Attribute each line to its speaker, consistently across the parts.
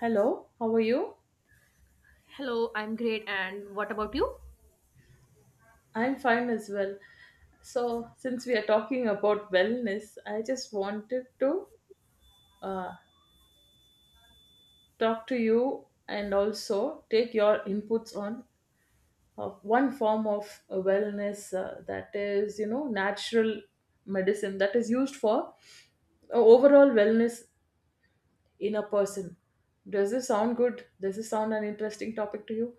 Speaker 1: Hello, how are you?
Speaker 2: Hello, I'm great. And what about you?
Speaker 1: I'm fine as well. So, since we are talking about wellness, I just wanted to uh, talk to you and also take your inputs on one form of wellness that is, you know, natural medicine that is used for overall wellness in a person. Does this sound good? Does this sound an interesting topic to you?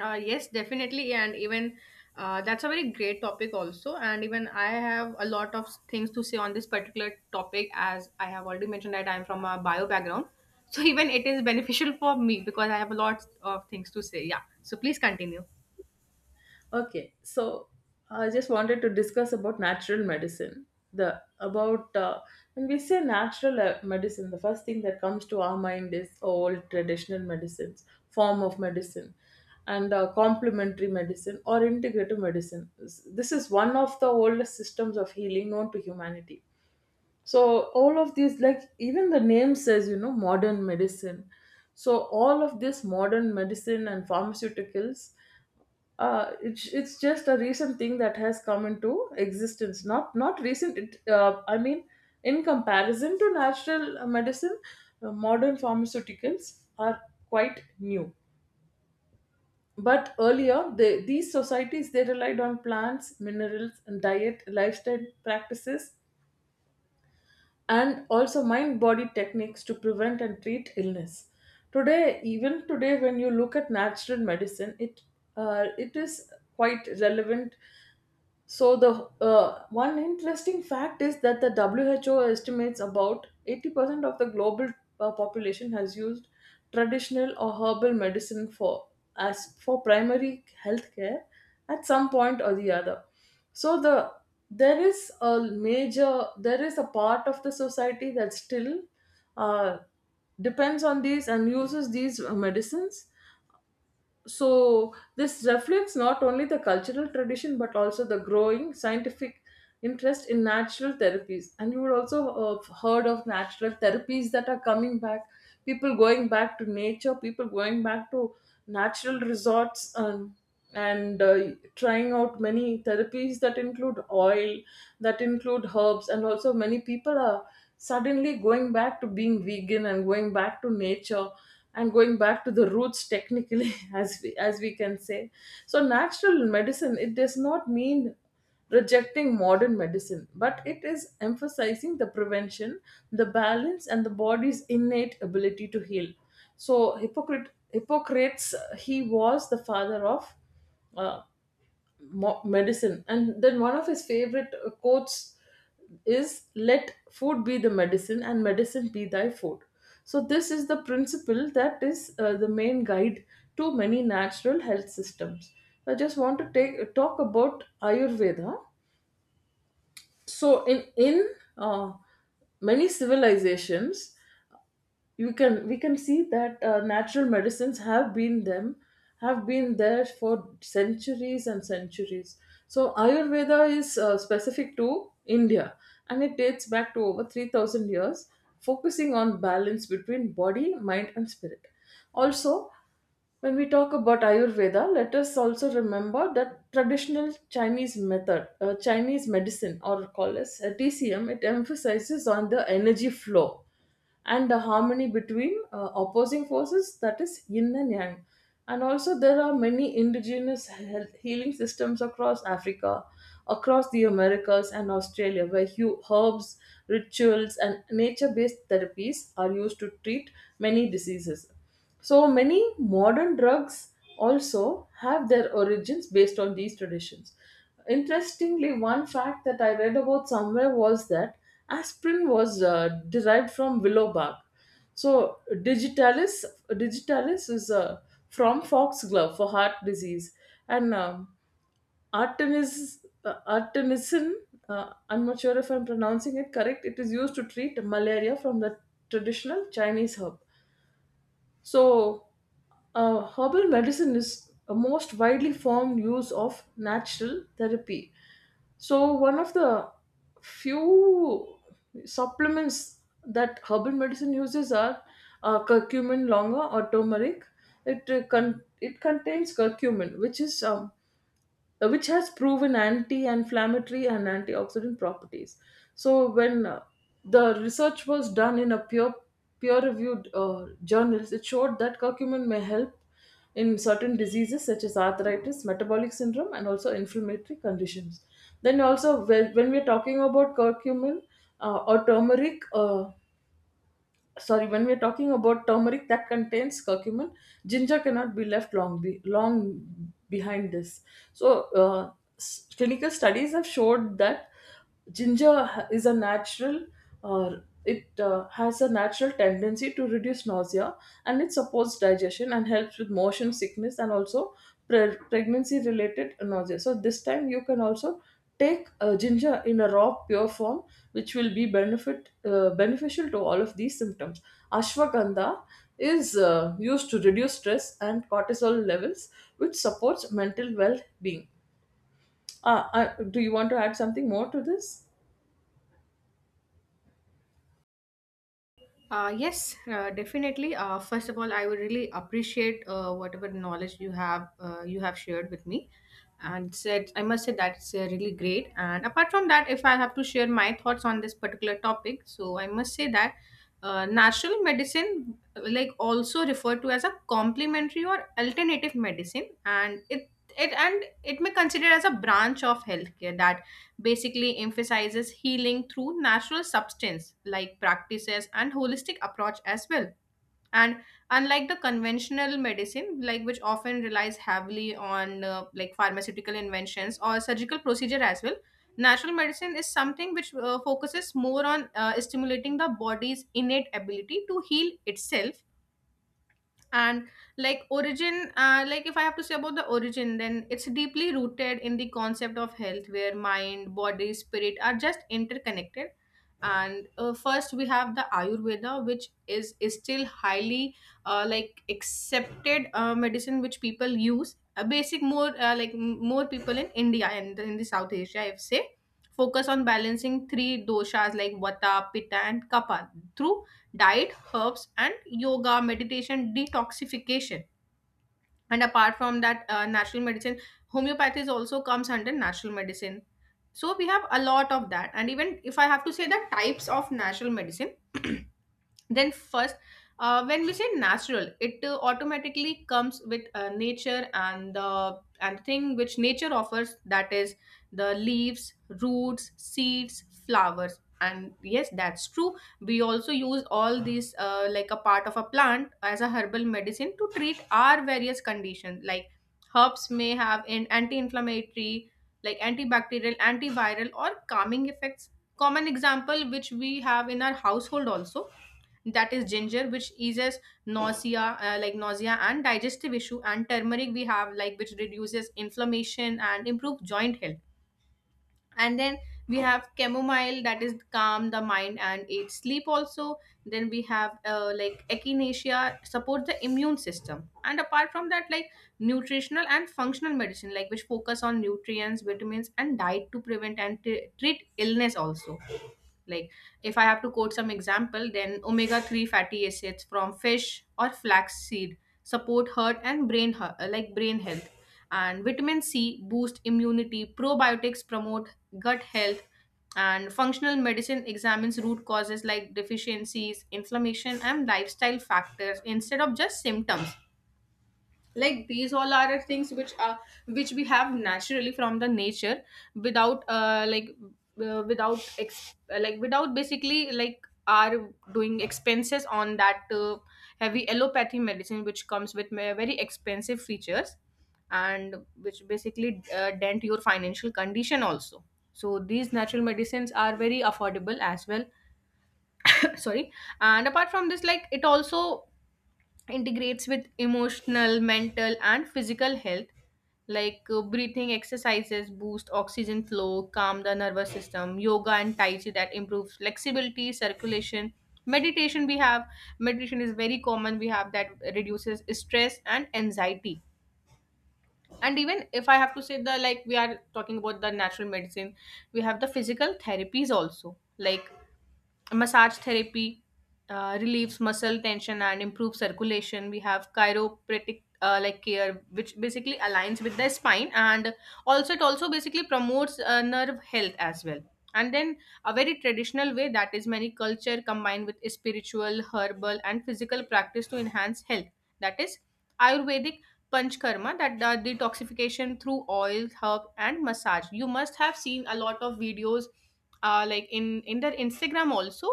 Speaker 2: Yes, definitely. And even that's a very great topic, also. And even I have a lot of things to say on this particular topic, as I have already mentioned that I'm from a bio background. So, even it is beneficial for me because I have a lot of things to say. Yeah. So, please continue.
Speaker 1: Okay, so I just wanted to discuss about natural medicine. The about when we say natural medicine, the first thing that comes to our mind is old traditional medicines, form of medicine, and complementary medicine or integrative medicine. This is one of the oldest systems of healing known to humanity. So all of these, like even the name says, you know, modern medicine. So all of this modern medicine and pharmaceuticals, it's just a recent thing that has come into existence. Not recent. I mean, in comparison to natural medicine, modern pharmaceuticals are quite new. But earlier, these societies they relied on plants, minerals, and diet, lifestyle practices, and also mind-body techniques to prevent and treat illness. Today, even today, when you look at natural medicine, it is quite relevant. So the one interesting fact is that the WHO estimates about 80% of the global population has used traditional or herbal medicine for as for primary health care at some point or the other. So the there is a major, there is a part of the society that still uh, depends on these and uses these medicines, so this reflects not only the cultural tradition but also the growing scientific interest in natural therapies. And you would also have heard of natural therapies that are coming back, people going back to nature, people going back to natural resorts, and trying out many therapies that include oil, that include herbs, and also many people are suddenly going back to being vegan and going back to nature and going back to the roots technically as we can say. So natural medicine, it does not mean rejecting modern medicine, but it is emphasizing the prevention, the balance, and the body's innate ability to heal. So, Hippocrates, he was the father of uh, medicine, and then one of his favorite quotes is "Let food be the medicine, and medicine be thy food." So, this is the principle that is the main guide to many natural health systems. I just want to take talk about Ayurveda. So in uh, many civilizations, you can we can see that natural medicines have been there for centuries and centuries. So Ayurveda is specific to India, and it dates back to over 3000 years, focusing on balance between body, mind and spirit. Also, when we talk about Ayurveda, let us also remember that traditional Chinese Chinese medicine, or call as TCM, it emphasizes on the energy flow and the harmony between opposing forces, that is yin and yang. And also, there are many indigenous health healing systems across Africa, across the Americas, and Australia, where herbs, rituals, and nature based therapies are used to treat many diseases. So many modern drugs also have their origins based on these traditions. Interestingly, one fact that I read about somewhere was that aspirin was derived from willow bark. So digitalis is from foxglove for heart disease, and artemisin. I'm not sure if I'm pronouncing it correct. It is used to treat malaria from the traditional Chinese herb. So, herbal medicine is a most widely formed use of natural therapy. So, one of the few supplements that herbal medicine uses are curcumin longa or turmeric. It contains curcumin, which is which has proven anti-inflammatory and antioxidant properties. So when the research was done in a peer-reviewed journals, it showed that curcumin may help in certain diseases such as arthritis, metabolic syndrome, and also inflammatory conditions. Then also, when we're talking about uh, or turmeric, uh, sorry, when we're talking about turmeric that contains curcumin, ginger cannot be left long be long behind this. So uh, clinical studies have showed that ginger is a natural, or it has a natural tendency to reduce nausea, and it supports digestion and helps with motion sickness and also pregnancy related nausea. So this time you can also take ginger in a raw pure form, which will be benefit beneficial to all of these symptoms. Ashwagandha is used to reduce stress and cortisol levels, which supports mental well being. ah, uh, do you want to add something more to this?
Speaker 2: Yes, definitely. First of all, I would really appreciate whatever knowledge you have shared with me, and said I must say that's really great. And apart from that, if I have to share my thoughts on this particular topic, so I must say that natural medicine, like also referred to as a complementary or alternative medicine, and it may consider as a branch of healthcare that basically emphasizes healing through natural substance like practices and holistic approach as well, and unlike the conventional medicine, like which often relies heavily on like pharmaceutical inventions or surgical procedure as well. Natural medicine is something which focuses more on stimulating the body's innate ability to heal itself. And like origin, like if I have to say about the origin, then it's deeply rooted in the concept of health where mind, body, spirit are just interconnected. And first we have the ayurveda which is still highly like accepted medicine, which people use a basic more, like more people in India and in the South Asia, I would say, focus on balancing three doshas like vata, pitta and kapha through diet, herbs, and yoga, meditation, detoxification. And apart from that, natural medicine, homeopathy is also comes under natural medicine. So we have a lot of that. And even if I have to say the types of natural medicine, then first, when we say natural it automatically comes with nature and the and thing which nature offers, that is the leaves, roots, seeds, flowers. And yes, that's true, we also use all these like a part of a plant as a herbal medicine to treat our various conditions, like herbs may have an anti-inflammatory, like antibacterial, antiviral or calming effects. Common example which we have in our household also, that is ginger which eases nausea, like nausea and digestive issue, and turmeric we have like which reduces inflammation and improve joint health. And then we have chamomile that is calm the mind and aid sleep also. Then we have like echinacea support the immune system. And apart from that, like nutritional and functional medicine, like which focus on nutrients, vitamins and diet to prevent and treat illness also. Like, if I have to quote some example, then omega 3 fatty acids from fish or flaxseed support heart and brain, like brain health. And vitamin C boost immunity, probiotics promote gut health, and functional medicine examines root causes like deficiencies, inflammation, and lifestyle factors instead of just symptoms. Like these all are the things which are which we have naturally from the nature, without without like without basically like are doing expenses on that heavy allopathy medicine which comes with very expensive features, and which basically dent your financial condition also. So these natural medicines are very affordable as well. Sorry. And apart from this, like it also integrates with emotional, mental, and physical health, like breathing exercises boost oxygen flow, calm the nervous system, yoga and tai chi that improves flexibility, circulation. Meditation we have Meditation is very common, we have that reduces stress and anxiety. And even if I have to say the, like we are talking about the natural medicine, we have the physical therapies also, like massage therapy relieves muscle tension and improves circulation. We have chiropractic like care which basically aligns with the spine, and also it also basically promotes nerve health as well. And then a very traditional way, that is many culture combined with spiritual, herbal and physical practice to enhance health, that is ayurvedic panchkarma, that the detoxification through oil, herb and massage. You must have seen a lot of videos like in their Instagram also,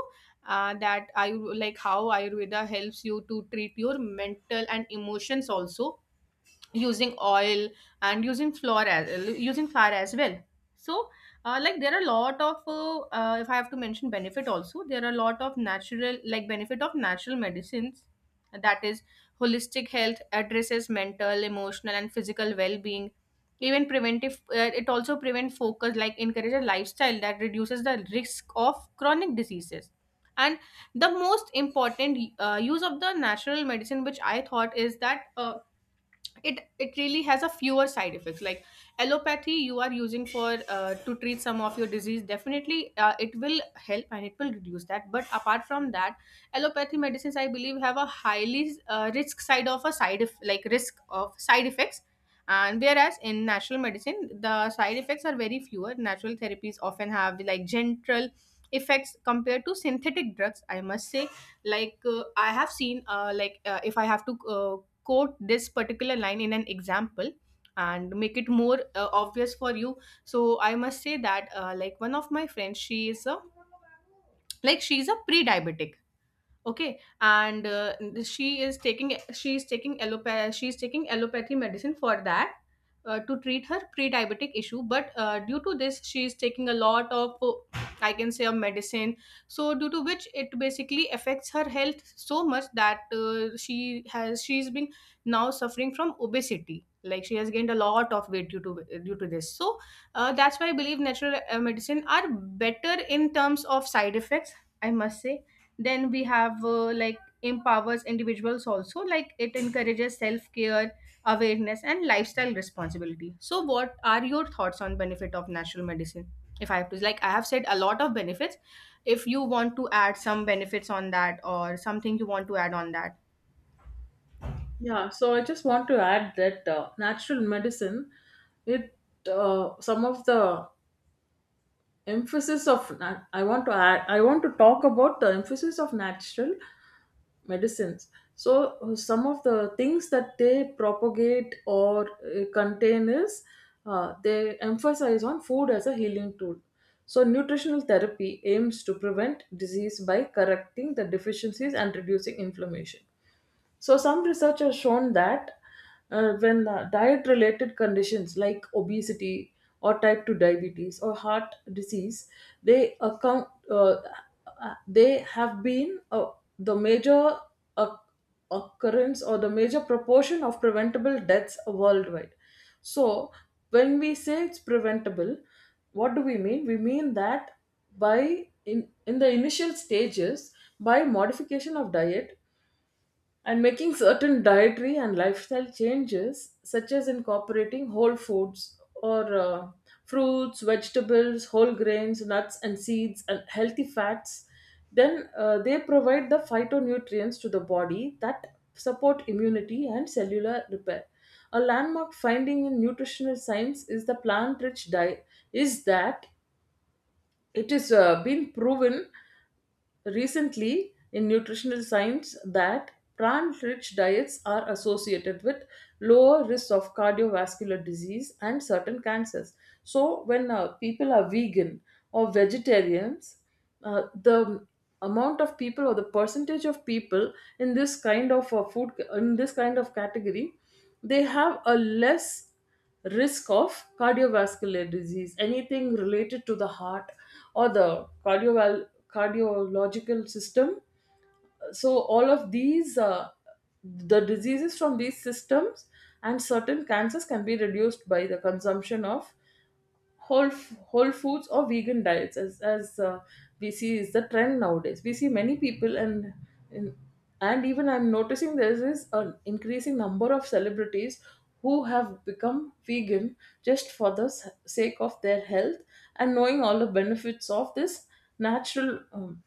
Speaker 2: that I like how Ayurveda helps you to treat your mental and emotions also, using oil and using flour as well. So like there are a lot of if I have to mention benefit also, there are a lot of natural like benefit of natural medicines. That is holistic health addresses mental, emotional and physical well-being. Even preventive, it also prevent focus, like encourage a lifestyle that reduces the risk of chronic diseases. And the most important use of the natural medicine which I thought is that it really has a fewer side effects. Like allopathy you are using for to treat some of your disease, definitely it will help and it will reduce that, but apart from that allopathy medicines I believe have a highly risk side of a like risk of side effects. And whereas in natural medicine the side effects are very fewer. Natural therapies often have like gentle effects compared to synthetic drugs, I must say. Like I have seen, if I have to quote this particular line in an example and make it more obvious for you, so I must say that like one of my friends, she is a like she is a pre-diabetic. Okay, and she is taking allopath she is taking allopathy medicine for that, to treat her pre-diabetic issue. But due to this, she is taking a lot of, I can say a medicine. So due to which it basically affects her health so much that, she's been now suffering from obesity. Like she has gained a lot of weight due to this. So that's why I believe natural medicine are better in terms of side effects, I must say. Then we have, like empowers individuals also, like it encourages self care, awareness and lifestyle responsibility. So what are your thoughts on benefit of natural medicine? If I have to, like I have said a lot of benefits, if you want to add some benefits on that, or something you want to add on that.
Speaker 1: Yeah, so I just want to add that natural medicine, it some of the emphasis of na- I want to add, I want to talk about the emphasis of natural medicines. So some of the things that they propagate or contain is they emphasize on food as a healing tool. So nutritional therapy aims to prevent disease by correcting the deficiencies and reducing inflammation. So, some research has shown that when diet related conditions like obesity or type 2 diabetes or heart disease, they account, they have been the major uh, occurrence or the major proportion of preventable deaths worldwide. So, when we say it's preventable, what do we mean? We mean that in the initial stages, by modification of diet, and making certain dietary and lifestyle changes, such as incorporating whole foods or fruits, vegetables, whole grains, nuts, and seeds, and healthy fats, then they provide the phytonutrients to the body that support immunity and cellular repair. A landmark finding in nutritional science is the plant-rich diet, is that it is been proven recently in nutritional science that plant rich diets are associated with lower risk of cardiovascular disease and certain cancers. So when people are vegan or vegetarians, the amount of people or the percentage of people in this kind of food in this kind of category, they have a less risk of cardiovascular disease, anything related to the heart or the cardiological system. So, all of these, the diseases from these systems and certain cancers can be reduced by the consumption of whole foods or vegan diets, as we see is the trend nowadays. We see many people, and and even I'm noticing there is an increasing number of celebrities who have become vegan just for the sake of their health and knowing all the benefits of this natural um,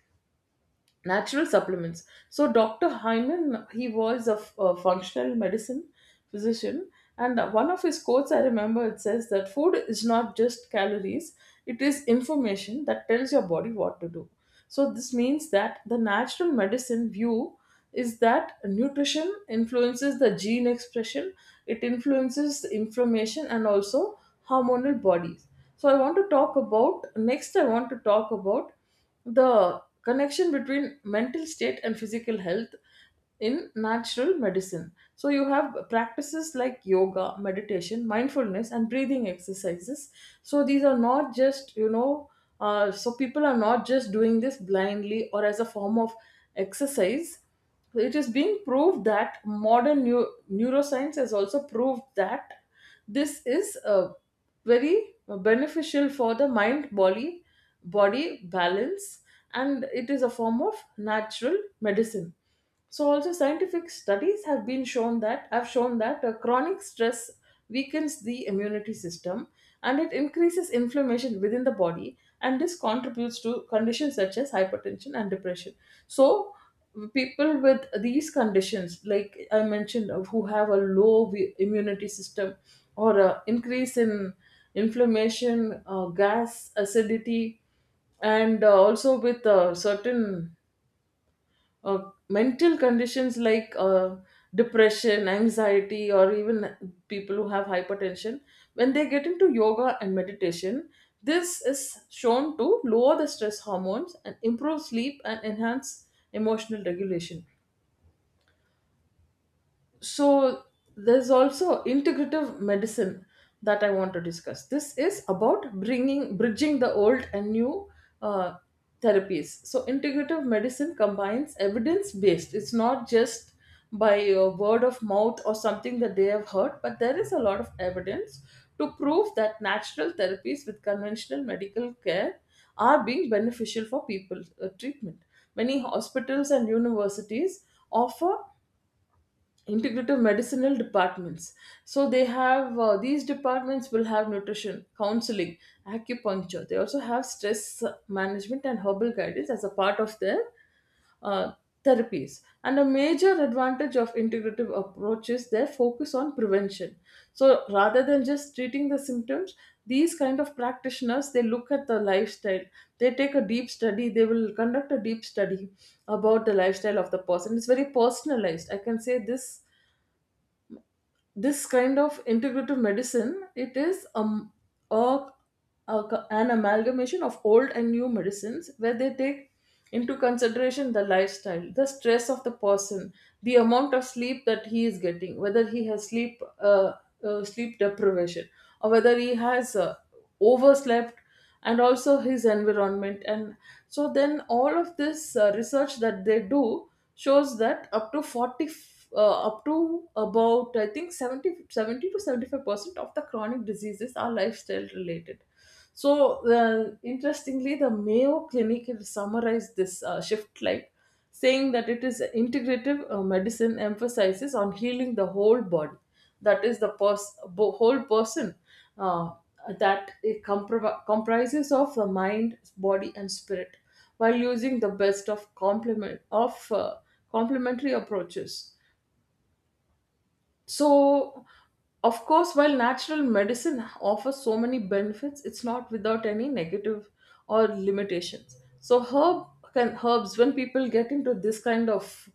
Speaker 1: natural supplements. So Dr. Hyman, he was a functional medicine physician, and one of his quotes I remember, it says that food is not just calories; it is information that tells your body what to do. So this means that the natural medicine view is that nutrition influences the gene expression, it influences the inflammation and also hormonal bodies. So I want to talk about next. I want to talk about the connection between mental state and physical health in natural medicine. So you have practices like yoga, meditation, mindfulness and breathing exercises. So these are not just, you know, so people are not just doing this blindly or as a form of exercise. It is being proved that modern neuroscience has also proved that this is very beneficial for the mind body balance, and it is a form of natural medicine. So also scientific studies have shown that chronic stress weakens the immunity system and it increases inflammation within the body, and this contributes to conditions such as hypertension and depression. So people with these conditions like I mentioned who have a low immunity system or a increase in inflammation, gas, acidity, and also with certain uh, mental conditions like depression, anxiety, or even people who have hypertension, when they get into yoga and meditation, this is shown to lower the stress hormones and improve sleep and enhance emotional regulation. So there's also integrative medicine that I want to discuss. This is about bringing bridging the old and new uh, therapies. So integrative medicine combines evidence based, it's not just by a word of mouth or something that they have heard, but there is a lot of evidence to prove that natural therapies with conventional medical care are being beneficial for people treatment. Many hospitals and universities offer integrative medicinal departments. So they have, these departments will have nutrition counseling, acupuncture, they also have stress management and herbal guidance as a part of their uh, therapies. And a major advantage of integrative approaches, they focus on prevention. So rather than just treating the symptoms, these kind of practitioners, they look at the lifestyle, they take a deep study, they will conduct a deep study about the lifestyle of the person. It's very personalized, I can say this. This kind of integrative medicine, it is a, a an amalgamation of old and new medicines, where they take into consideration the lifestyle, the stress of the person, the amount of sleep that he is getting, whether he has sleep sleep deprivation, or whether he has overslept, and also his environment. And so then all of this research that they do shows that up to 40, up to about I think seventy to 75% of the chronic diseases are lifestyle related. So interestingly, the Mayo Clinic has summarized this shift like saying that it is integrative medicine emphasizes on healing the whole body, that is the whole person, uh, that it comprises of the mind, body, and spirit, while using the best of complementary approaches. So, of course, while natural medicine offers so many benefits, it's not without any negative or limitations. So, herbs, when people get into this kind of,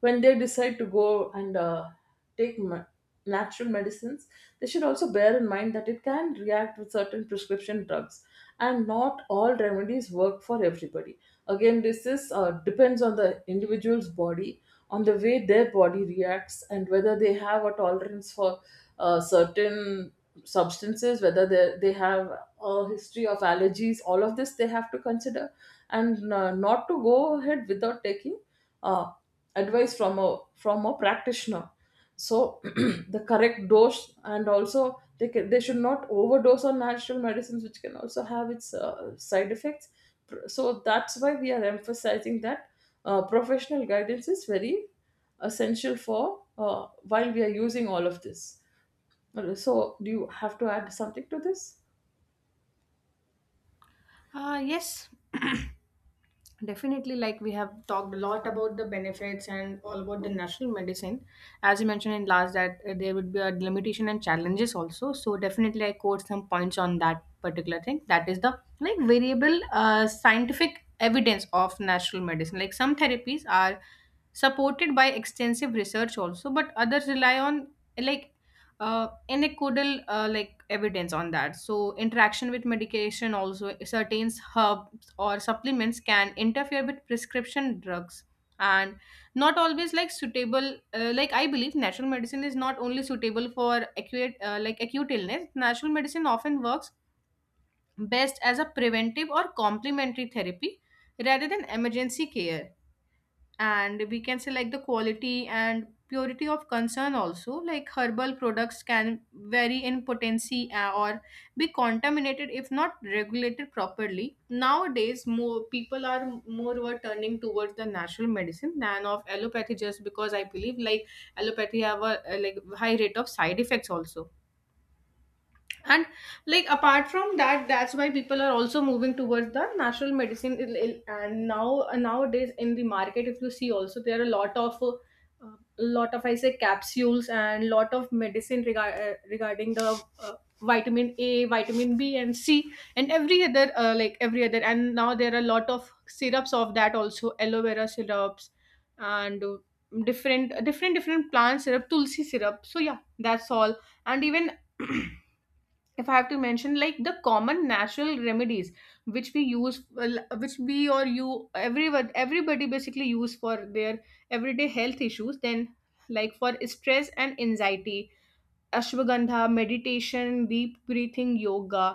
Speaker 1: when they decide to go and take natural medicines, they should also bear in mind that it can react with certain prescription drugs, and not all remedies work for everybody. Again, this is, depends on the individual's body, on the way their body reacts, and whether they have a tolerance for certain substances, whether they have a history of allergies. All of this they have to consider, and not to go ahead without taking uh, advice from a practitioner. So the correct dose, and also, they should not overdose on natural medicines, which can also have its side effects. So that's why we are emphasizing that professional guidance is very essential for, while we are using all of this. So do you have to add something to this?
Speaker 2: Yes. Definitely, like we have talked a lot about the benefits and all about the national medicine. As you mentioned in last, that there would be a limitation and challenges also. So definitely, I quote some points on that particular thing. That is the like variable scientific evidence of natural medicine. Like some therapies are supported by extensive research also, but others rely on like anecdotal like evidence on that. So interaction with medication also, certain herb or supplements can interfere with prescription drugs, and not always like suitable. Like I believe natural medicine is not only suitable for acute, like acute illness. Natural medicine often works best as a preventive or complementary therapy rather than emergency care. And we can say like the quality and purity of concern also, like herbal products can vary in potency, or be contaminated if not regulated properly. Nowadays more people are more were turning towards the natural medicine than of allopathy, just because I believe like allopathy have a like high rate of side effects also. And like apart from that, that's why people are also moving towards the natural medicine. And now nowadays in the market if you see also there are a lot of lot of, I say, capsules and lot of medicine regarding the vitamin A, vitamin B and C, and every other like every other. And now there are a lot of syrups of that also, aloe vera syrups, and different, different, different plant syrup, tulsi syrup. So yeah, that's all. And even if I have to mention like the common natural remedies which we use well, which we or you, everyone, everybody basically use for their everyday health issues, then like for stress and anxiety, ashwagandha, meditation, deep breathing, yoga.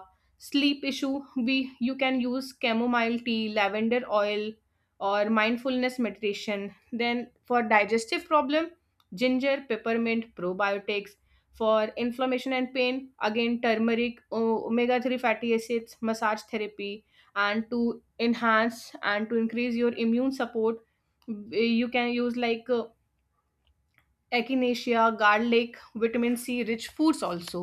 Speaker 2: Sleep issue, we you can use chamomile tea, lavender oil, or mindfulness meditation. Then for digestive problem, ginger, peppermint, probiotics. For inflammation and pain, again turmeric, omega-3 fatty acids, massage therapy. And to enhance and to increase your immune support, you can use like echinacea, garlic, vitamin C rich foods also.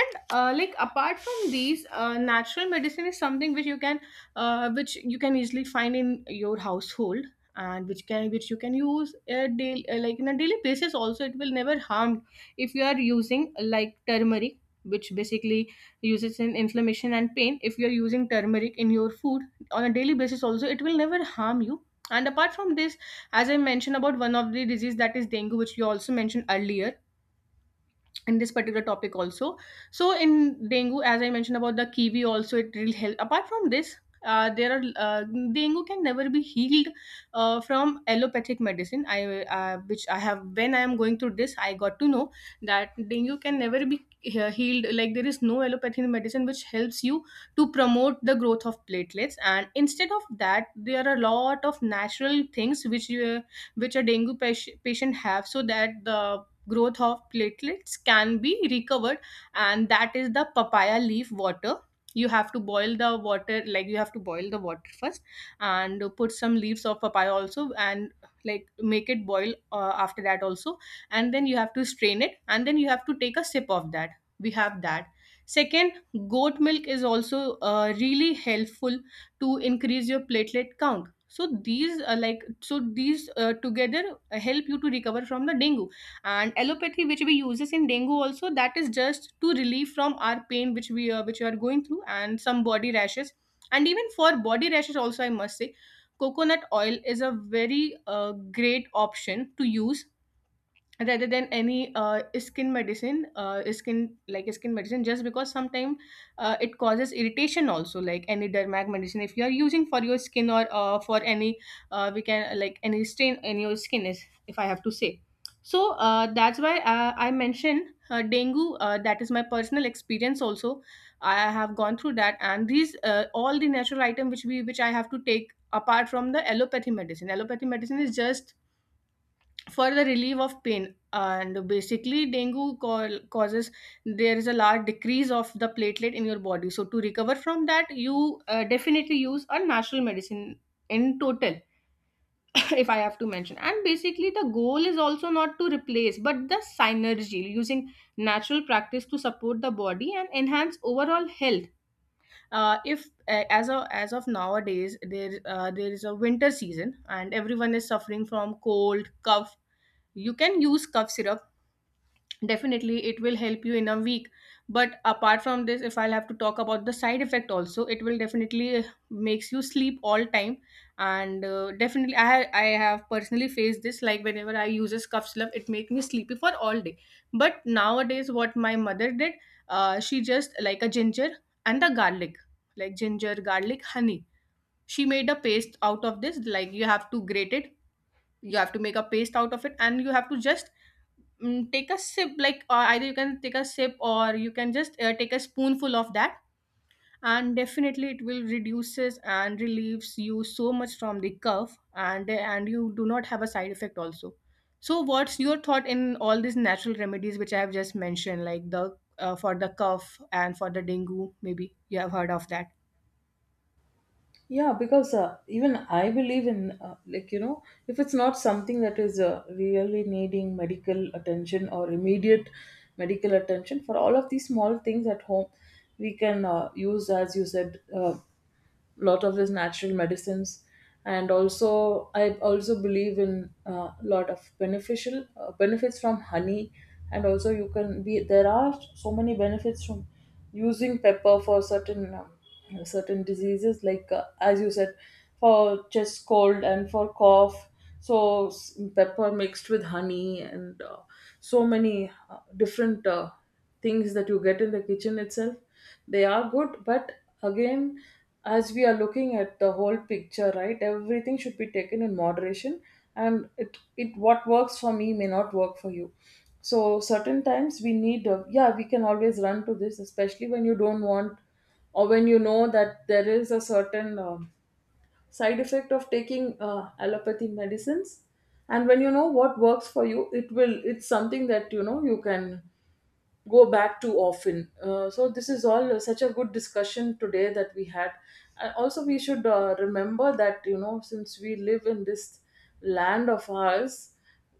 Speaker 2: And like apart from these, natural medicine is something which you can easily find in your household, and which can which you can use a daily, like in a daily basis also it will never harm If you are using like turmeric, which basically uses in inflammation and pain, if you are using turmeric in your food on a daily basis also, it will never harm you. And apart from this, as I mentioned about one of the disease that is dengue, which you also mentioned earlier in this particular topic also. So in dengue, as I mentioned about the kiwi also, it will help. Apart from this, there are dengue can never be healed from allopathic medicine. I have, when I am going through this, I got to know that dengue can never be healed. Like, there is no allopathic medicine which helps you to promote the growth of platelets, and instead of that, there are a lot of natural things which you, which a dengue patient have, so that the growth of platelets can be recovered. And that is the papaya leaf water. You have to boil the water, like you have to boil the water first, and put some leaves of papaya also, and like make it boil after that also, and then you have to strain it, and then you have to take a sip of that. We have that. Second, goat milk is also really helpful to increase your platelet count. So these are like, so these together help you to recover from the dengue. And allopathy, which we uses in dengue also, that is just to relieve from our pain, which we which we are going through, and some body rashes. And even for body rashes also, I must say coconut oil is a very great option to use rather than any skin medicine, skin, like skin medicine, just because sometimes it causes irritation also, like any dermag medicine, if you are using for your skin, or for any we can, like any stain in your skin is, if I have to say. So that's why I mentioned dengue, that is my personal experience also. I have gone through that, and these all the natural item which we, which I have to take apart from the allopathy medicine. Allopathy medicine is just for the relief of pain, and basically dengue causes, there is a large decrease of the platelet in your body, so to recover from that, you definitely use a natural medicine in total. If I have to mention, and basically the goal is also not to replace, but the synergy, using natural practice to support the body and enhance overall health. If As of, as of nowadays, there there is a winter season and everyone is suffering from cold, cough. You can use cough syrup, definitely it will help you in a week. But apart from this, if I'll have to talk about the side effect also, it will definitely makes you sleep all time. And definitely I have personally faced this, like whenever I use a cough syrup, it make me sleepy for all day. But nowadays, what my mother did, she just like a ginger and the garlic, like ginger, garlic, honey. She made a paste out of this, like you have to grate it, you have to make a paste out of it, and you have to just take a sip, like either you can take a sip, or you can just take a spoonful of that. And definitely it will reduces and relieves you so much from the cough, and you do not have a side effect also. So what's your thought in all these natural remedies which I have just mentioned, like the for the cough and for the dengue, maybe you have heard of that?
Speaker 1: Yeah, because even I believe in, like, if it's not something that is really needing medical attention or immediate medical attention, for all of these small things at home, we can use, as you said, lot of these natural medicines. And also I also believe in a lot of beneficial benefits from honey. And also, you can be there are so many benefits from using pepper for certain diseases, like as you said, for chest cold and for cough. So pepper mixed with honey, and so many different things that you get in the kitchen itself, they are good. But again, as we are looking at the whole picture, right, everything should be taken in moderation. And it what works for me may not work for you. So certain times we need, yeah, we can always run to this, especially when you don't want, or when you know that there is a certain side effect of taking allopathy medicines. And when you know what works for you, it's something that you know you can go back too often. So this is all such a good discussion today that we had. And also, we should remember that, since we live in this land of ours,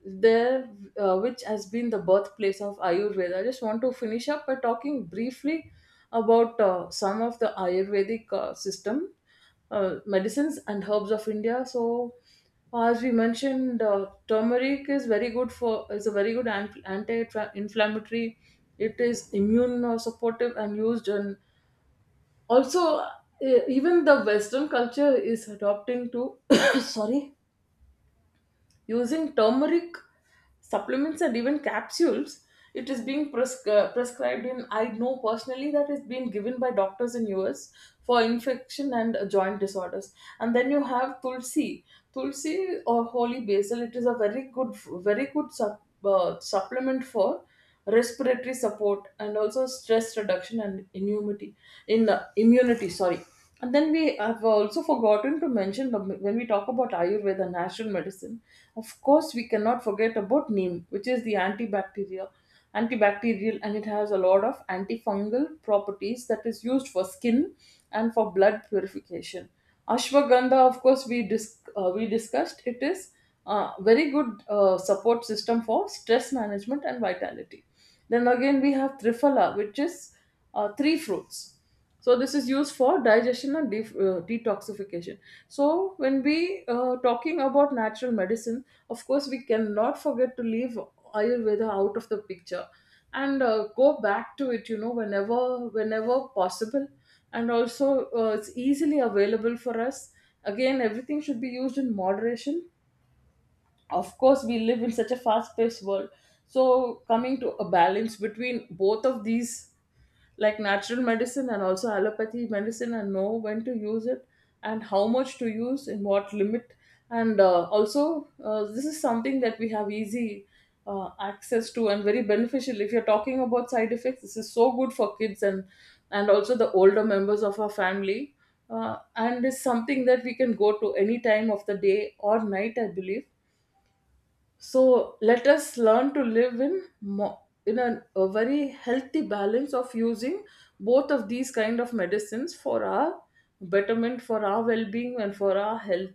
Speaker 1: there which has been the birthplace of Ayurveda. I just want to finish up by talking briefly about some of the Ayurvedic system, medicines and herbs of India. So, as we mentioned, turmeric is very good for is a very good anti-inflammatory. It is immune supportive and used, and also even the Western culture is adopting to sorry, using turmeric supplements and even capsules. It is being prescribed in, I know personally that is being given by doctors in US, for infection and joint disorders. And then you have tulsi. Tulsi or holy basil, it is a very good supplement for respiratory support and also stress reduction and immunity. In the immunity, sorry. And then we have also forgotten to mention when we talk about Ayurveda natural medicine, of course we cannot forget about neem, which is the antibacterial, and it has a lot of antifungal properties that is used for skin and for blood purification. Ashwagandha, of course, we discussed, it is very good support system for stress management and vitality. Then again, we have Triphala, which is three fruits. So this is used for digestion and detoxification. So when we talking about natural medicine, of course we cannot forget to leave Ayurveda out of the picture, and go back to it. You know, whenever possible, and also it's easily available for us. Again, everything should be used in moderation. Of course we live in such a fast paced world, so coming to a balance between both of these, like natural medicine and also allopathy medicine, and know when to use it and how much to use in what limit. And also this is something that we have easy access to, and very beneficial. If you're talking about side effects, this is so good for kids and also the older members of our family. And it's something that we can go to any time of the day or night, I believe. So let us learn to live in a very healthy balance of using both of these kind of medicines for our betterment, for our well-being, and for our health.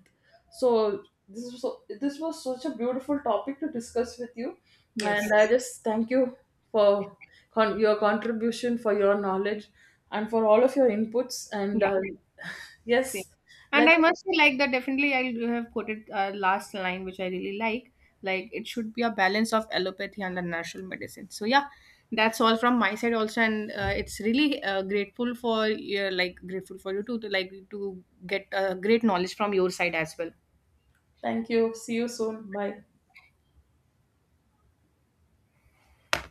Speaker 1: So this was such a beautiful topic to discuss with you, and
Speaker 2: Yes.
Speaker 1: I just thank you for your contribution, for your knowledge, and for all of your inputs. And
Speaker 2: Same.
Speaker 1: yes,
Speaker 2: And
Speaker 1: let's
Speaker 2: I must say, like that, definitely I do have quoted last line, which I really like. Like it should be a balance of allopathy and the natural medicine. So yeah, that's all from my side also, and it's really grateful for your, like grateful for you too, to like to get great knowledge from your side as well.
Speaker 1: thank you. See you soon. Bye.